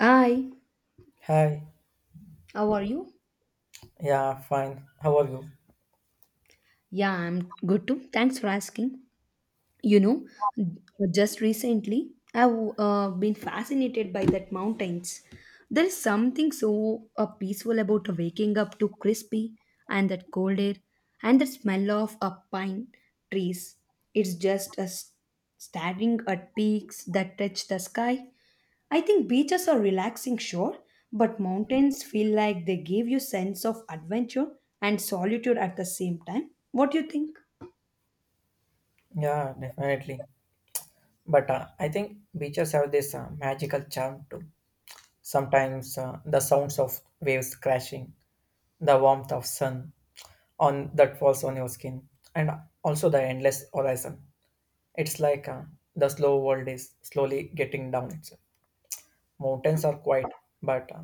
Hi, Hi. how are you? Yeah, fine. How are you? Yeah, I'm good too. Thanks for asking. you know just recently I've been fascinated by that mountains. There is something so peaceful about waking up to crispy and that cold air, and the smell of pine trees. It's just a s- Staring at peaks that touch the sky. I think beaches are relaxing, sure, but mountains feel like they give you sense of adventure and solitude at the same time. What do you think? Yeah, definitely. But I think beaches have this magical charm too. Sometimes, the sounds of waves crashing, the warmth of sun on that falls on your skin, and also the endless horizon. It's like the slow world is slowly getting down itself. Mountains are quiet, but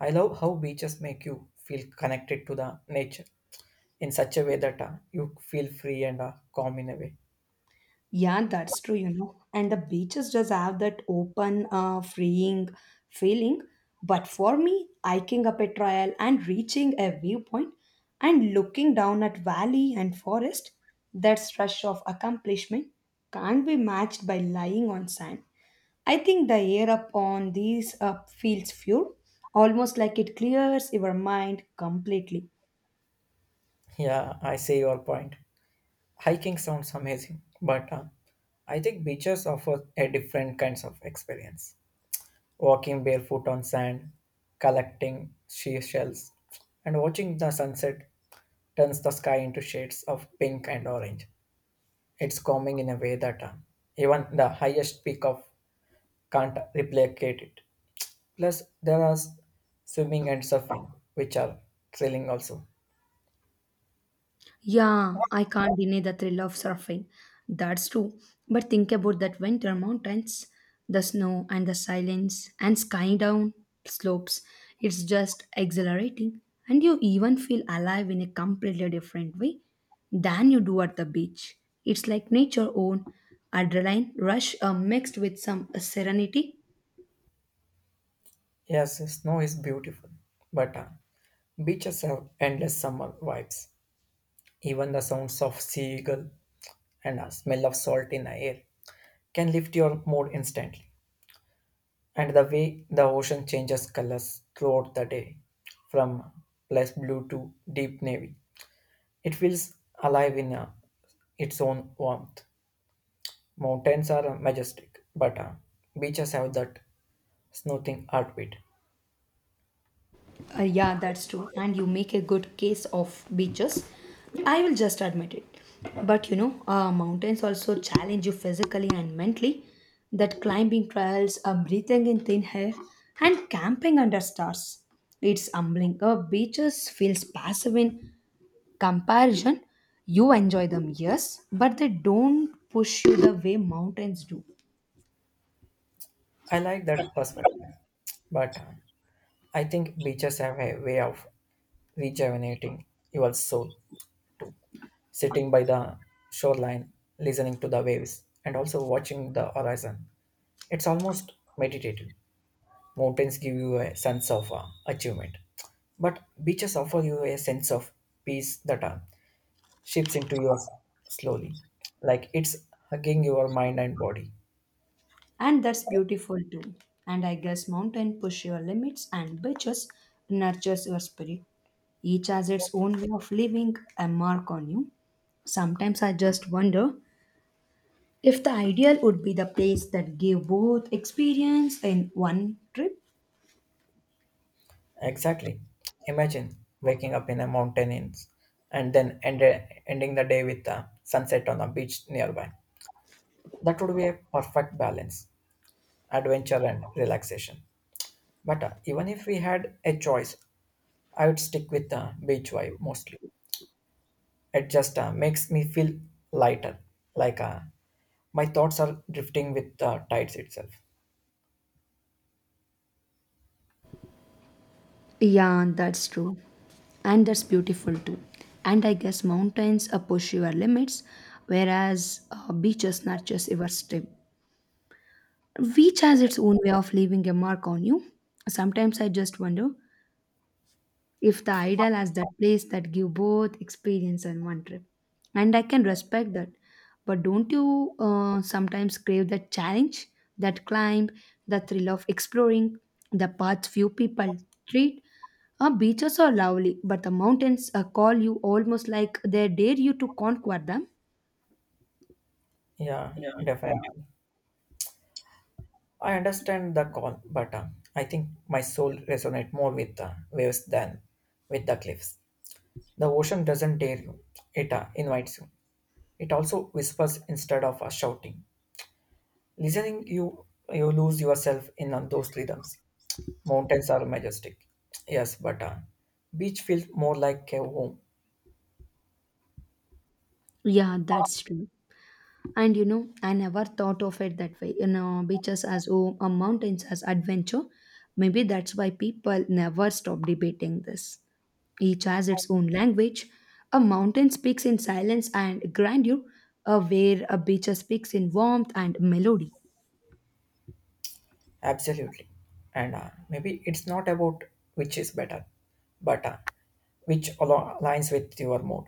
I love how beaches make you feel connected to the nature in such a way that you feel free and calm in a way. Yeah, that's true. And the beaches just have that open, freeing feeling. But for me, hiking up a trail and reaching a viewpoint and looking down at valley and forest, that rush of accomplishment can't be matched by lying on sand. I think the air up on these feels pure, almost like it clears your mind completely. Yeah, I see your point. Hiking sounds amazing, but I think beaches offer a different kinds of experience. Walking barefoot on sand, collecting seashells, and watching the sunset turns the sky into shades of pink and orange. It's calming in a way that even the highest peak of can't replicate it. Plus, there are swimming and surfing, which are thrilling also. Yeah, I can't deny the thrill of surfing. That's true. But think about that winter mountains, the snow and the silence and skying down slopes. It's just exhilarating. And you even feel alive in a completely different way than you do at the beach. It's like nature own adrenaline rush mixed with some serenity. Yes, snow is beautiful, but beaches have endless summer vibes. Even the sounds of seagull and the smell of salt in the air can lift your mood instantly. And the way the ocean changes colors throughout the day, from less blue to deep navy, it feels alive in its own warmth. Mountains are majestic, but beaches have that soothing heartbeat. Yeah, that's true. And you make a good case of beaches. I will just admit it. But mountains also challenge you physically and mentally. That climbing trails, breathing in thin air, and camping under stars. It's humbling. Beaches feels passive in comparison. You enjoy them, yes, but they don't push you the way mountains do. I like that perspective, but I think beaches have a way of rejuvenating your soul, sitting by the shoreline, listening to the waves, and also watching the horizon. It's almost meditative. Mountains give you a sense of achievement, but beaches offer you a sense of peace that shifts into your slowly, like it's hugging your mind and body. And that's beautiful too. And I guess mountain push your limits and beaches nurtures your spirit. Each has its own way of leaving a mark on you. Sometimes I just wonder if the ideal would be the place that gave both experience in one trip. Exactly. Imagine waking up in a mountain inn and ending the day with a sunset on a beach nearby. That would be a perfect balance, adventure and relaxation. But even if we had a choice, I would stick with beach vibe mostly. It just makes me feel lighter, like my thoughts are drifting with the tides itself. Yeah, that's true. And that's beautiful too. And I guess mountains push your limits, whereas beaches nurtures your strip. Each has its own way of leaving a mark on you. Sometimes I just wonder if the ideal has that place that give both experience and one trip. And I can respect that. But don't you sometimes crave that challenge, that climb, the thrill of exploring the paths few people treat? Our beaches are lovely, but the mountains call you almost like they dare you to conquer them. Yeah, definitely. I understand the call, but I think my soul resonates more with the waves than with the cliffs. The ocean doesn't dare you, it invites you. It also whispers instead of shouting. Listening you lose yourself in those rhythms. Mountains are majestic, yes, but beach feels more like a home. Yeah, that's true. And I never thought of it that way. Beaches as home or mountains as adventure. Maybe that's why people never stop debating this. Each has its own language. A mountain speaks in silence and grandeur, where a beach speaks in warmth and melody. Absolutely. And maybe it's not about which is better, but which aligns with your mood.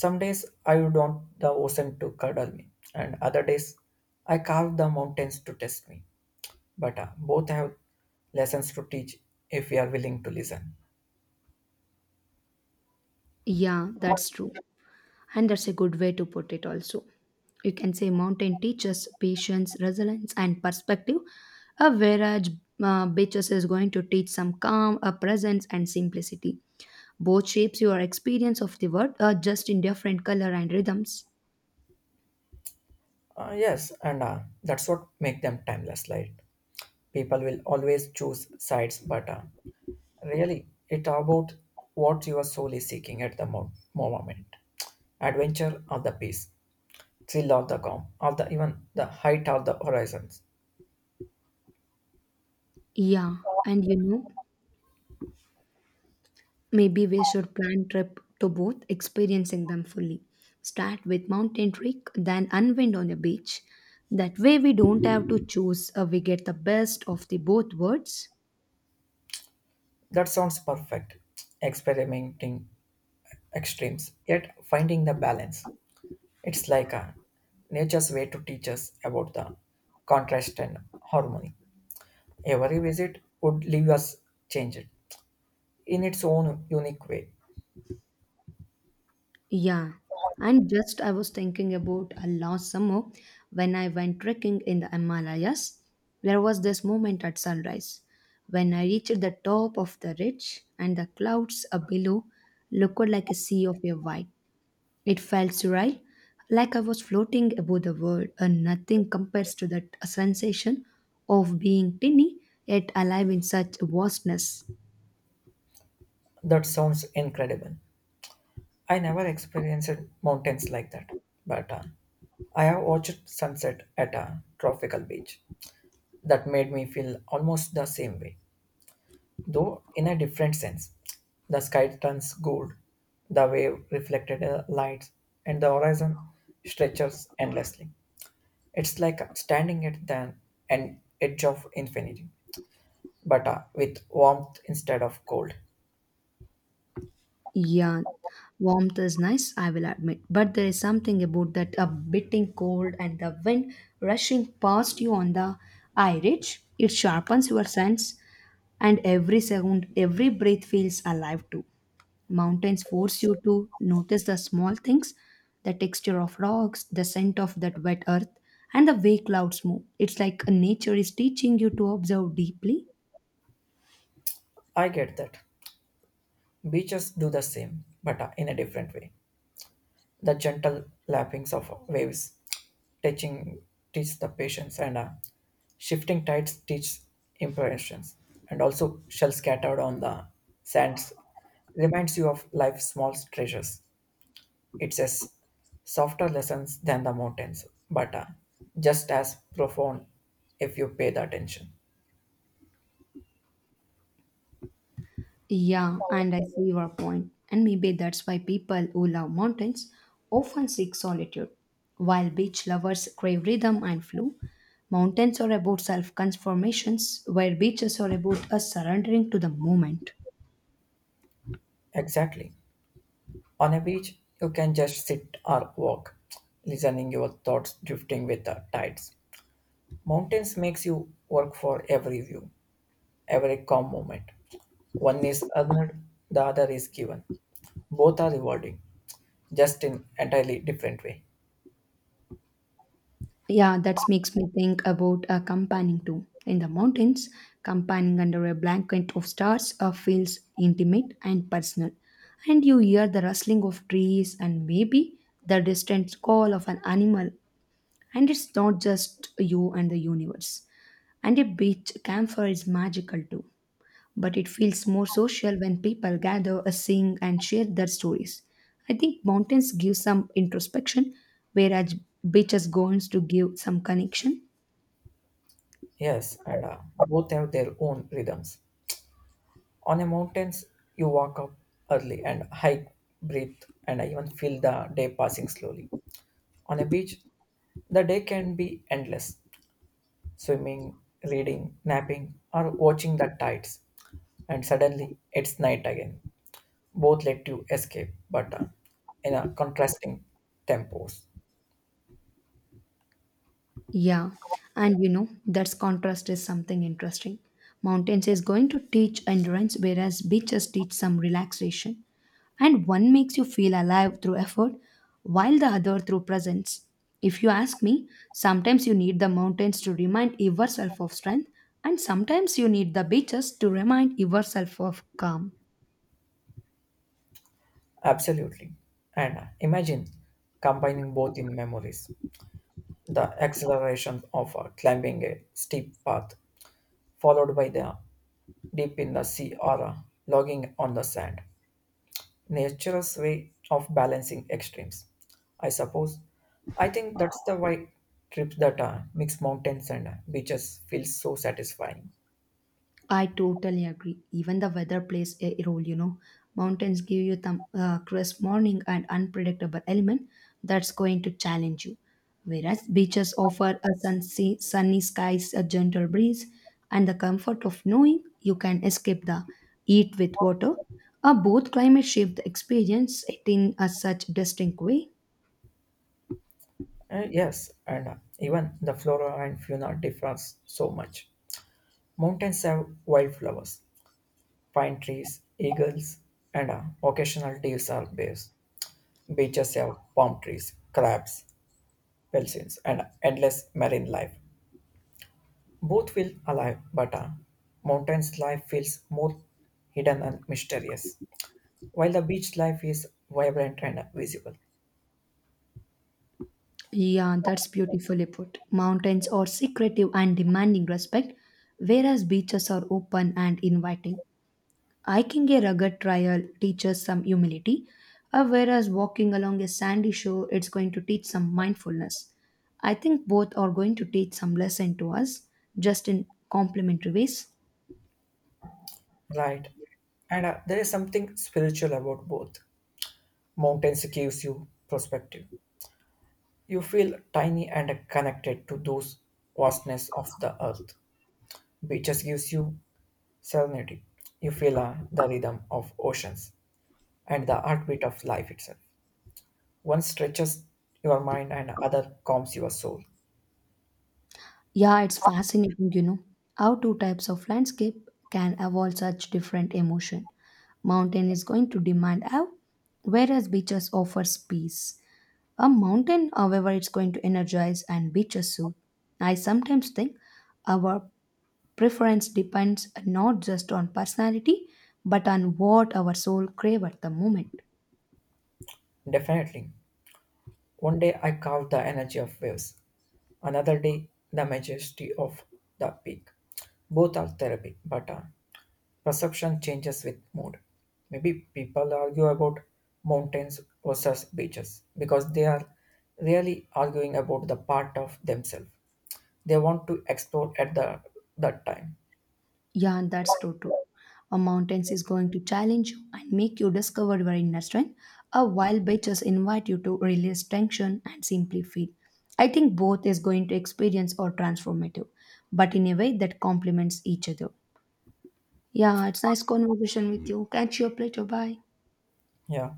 Some days I would want the ocean to cuddle me, and other days I carve the mountains to test me. But both have lessons to teach if we are willing to listen. Yeah, that's true. And that's a good way to put it, also. You can say mountain teaches patience, resilience, and perspective, whereas beaches is going to teach some calm, a presence, and simplicity. Both shapes your experience of the world, just in different color and rhythms. Yes, and that's what make them timeless. Like people will always choose sides, but really, it about what you are solely seeking at the moment. Adventure of the peace, thrill of the calm, of the even the height of the horizons. Yeah, and maybe we should plan trip to both, experiencing them fully. Start with mountain trek, then unwind on the beach. That way, we don't have to choose. We get the best of the both worlds. That sounds perfect. Experimenting extremes, yet finding the balance. It's like a nature's way to teach us about the contrast and harmony. Every visit would leave us changed in its own unique way. Yeah, and just I was thinking about a last summer when I went trekking in the Himalayas. There was this moment at sunrise when I reached the top of the ridge and the clouds up below looked like a sea of a white. It felt surreal, like I was floating above the world, and nothing compares to that sensation of being tiny yet alive in such vastness. That sounds incredible. I never experienced mountains like that, but I have watched sunset at a tropical beach that made me feel almost the same way, though in a different sense. The sky turns gold, the wave reflected lights, and the horizon stretches endlessly. It's like standing at the an edge of infinity, but with warmth instead of cold. Yeah, warmth is nice, I will admit. But there is something about that a biting cold and the wind rushing past you on the eye ridge. It sharpens your sense, and every second, every breath feels alive too. Mountains force you to notice the small things, the texture of rocks, the scent of that wet earth, and the way clouds move. It's like nature is teaching you to observe deeply. I get that. Beaches do the same, but in a different way. The gentle lappings of waves touching teach the patience, and shifting tides teach impressions. And also, shells scattered on the sands reminds you of life's small treasures. It says softer lessons than the mountains, but just as profound if you pay the attention. Yeah, and I see your point. And maybe that's why people who love mountains often seek solitude. While beach lovers crave rhythm and flow, mountains are about self transformations, where beaches are about us surrendering to the moment. Exactly. On a beach, you can just sit or walk, listening your thoughts drifting with the tides. Mountains makes you work for every view, every calm moment. One is earned, the other is given. Both are rewarding, just in entirely different way. Yeah, that makes me think about a campaigning too. In the mountains, campaigning under a blanket of stars feels intimate and personal. And you hear the rustling of trees and maybe the distant call of an animal. And it's not just you and the universe. And a beach campfire is magical too. But it feels more social when people gather, sing, and share their stories. I think mountains give some introspection, whereas beaches goes to give some connection. Yes, and both have their own rhythms. On a mountains, you walk up early and hike, breathe, and even feel the day passing slowly. On a beach, the day can be endless, swimming, reading, napping, or watching the tides, and suddenly it's night again. Both let you escape, but in a contrasting tempos. Yeah, and that's contrast is something interesting. Mountains is going to teach endurance, whereas beaches teach some relaxation. And one makes you feel alive through effort, while the other through presence. If you ask me, sometimes you need the mountains to remind yourself of strength, and sometimes you need the beaches to remind yourself of calm. Absolutely. And imagine combining both in memories. The acceleration of climbing a steep path, followed by the deep in the sea or logging on the sand. Nature's way of balancing extremes, I suppose. I think that's the why trips that mix mountains and beaches feel so satisfying. I totally agree. Even the weather plays a role, you know. Mountains give you the crisp morning and unpredictable element that's going to challenge you. Whereas beaches offer a sunny, sunny skies, a gentle breeze, and the comfort of knowing you can escape the heat with water. Both climate shape the experience in a such distinct way. And yes, and even the flora and fauna differs so much. Mountains have wildflowers, pine trees, eagles, and occasional deers or bears. Beaches have palm trees, crabs, dolphins, and endless marine life. Both feel alive, but a mountain's life feels more hidden and mysterious, while the beach life is vibrant and visible. Yeah, that's beautifully put. Mountains are secretive and demanding respect, whereas beaches are open and inviting. Hiking a rugged trail teaches some humility, whereas walking along a sandy shore, it's going to teach some mindfulness. I think both are going to teach some lesson to us, just in complementary ways. Right. And there is something spiritual about both. Mountains gives you perspective. You feel tiny and connected to those vastness of the earth. Beaches gives you serenity. You feel the rhythm of oceans and the heartbeat of life itself. One stretches your mind and other calms your soul. Yeah, it's fascinating, how two types of landscape can evolve such different emotion. Mountain is going to demand awe, whereas beaches offers peace. A mountain, however, it's going to energize and beaches soothe. I sometimes think our preference depends not just on personality, but on what our soul crave at the moment. Definitely. One day I carved the energy of waves, another day, the majesty of the peak. Both are therapy, but perception changes with mood. Maybe people argue about mountains versus beaches because they are really arguing about the part of themselves they want to explore at the that time. Yeah, and that's true too. A mountains is going to challenge you and make you discover your inner strength. A wild beaches invite you to release tension and simply feel. I think both is going to experience or transformative, but in a way that complements each other. Yeah, it's nice conversation with you. Catch you up later. Bye. Yeah.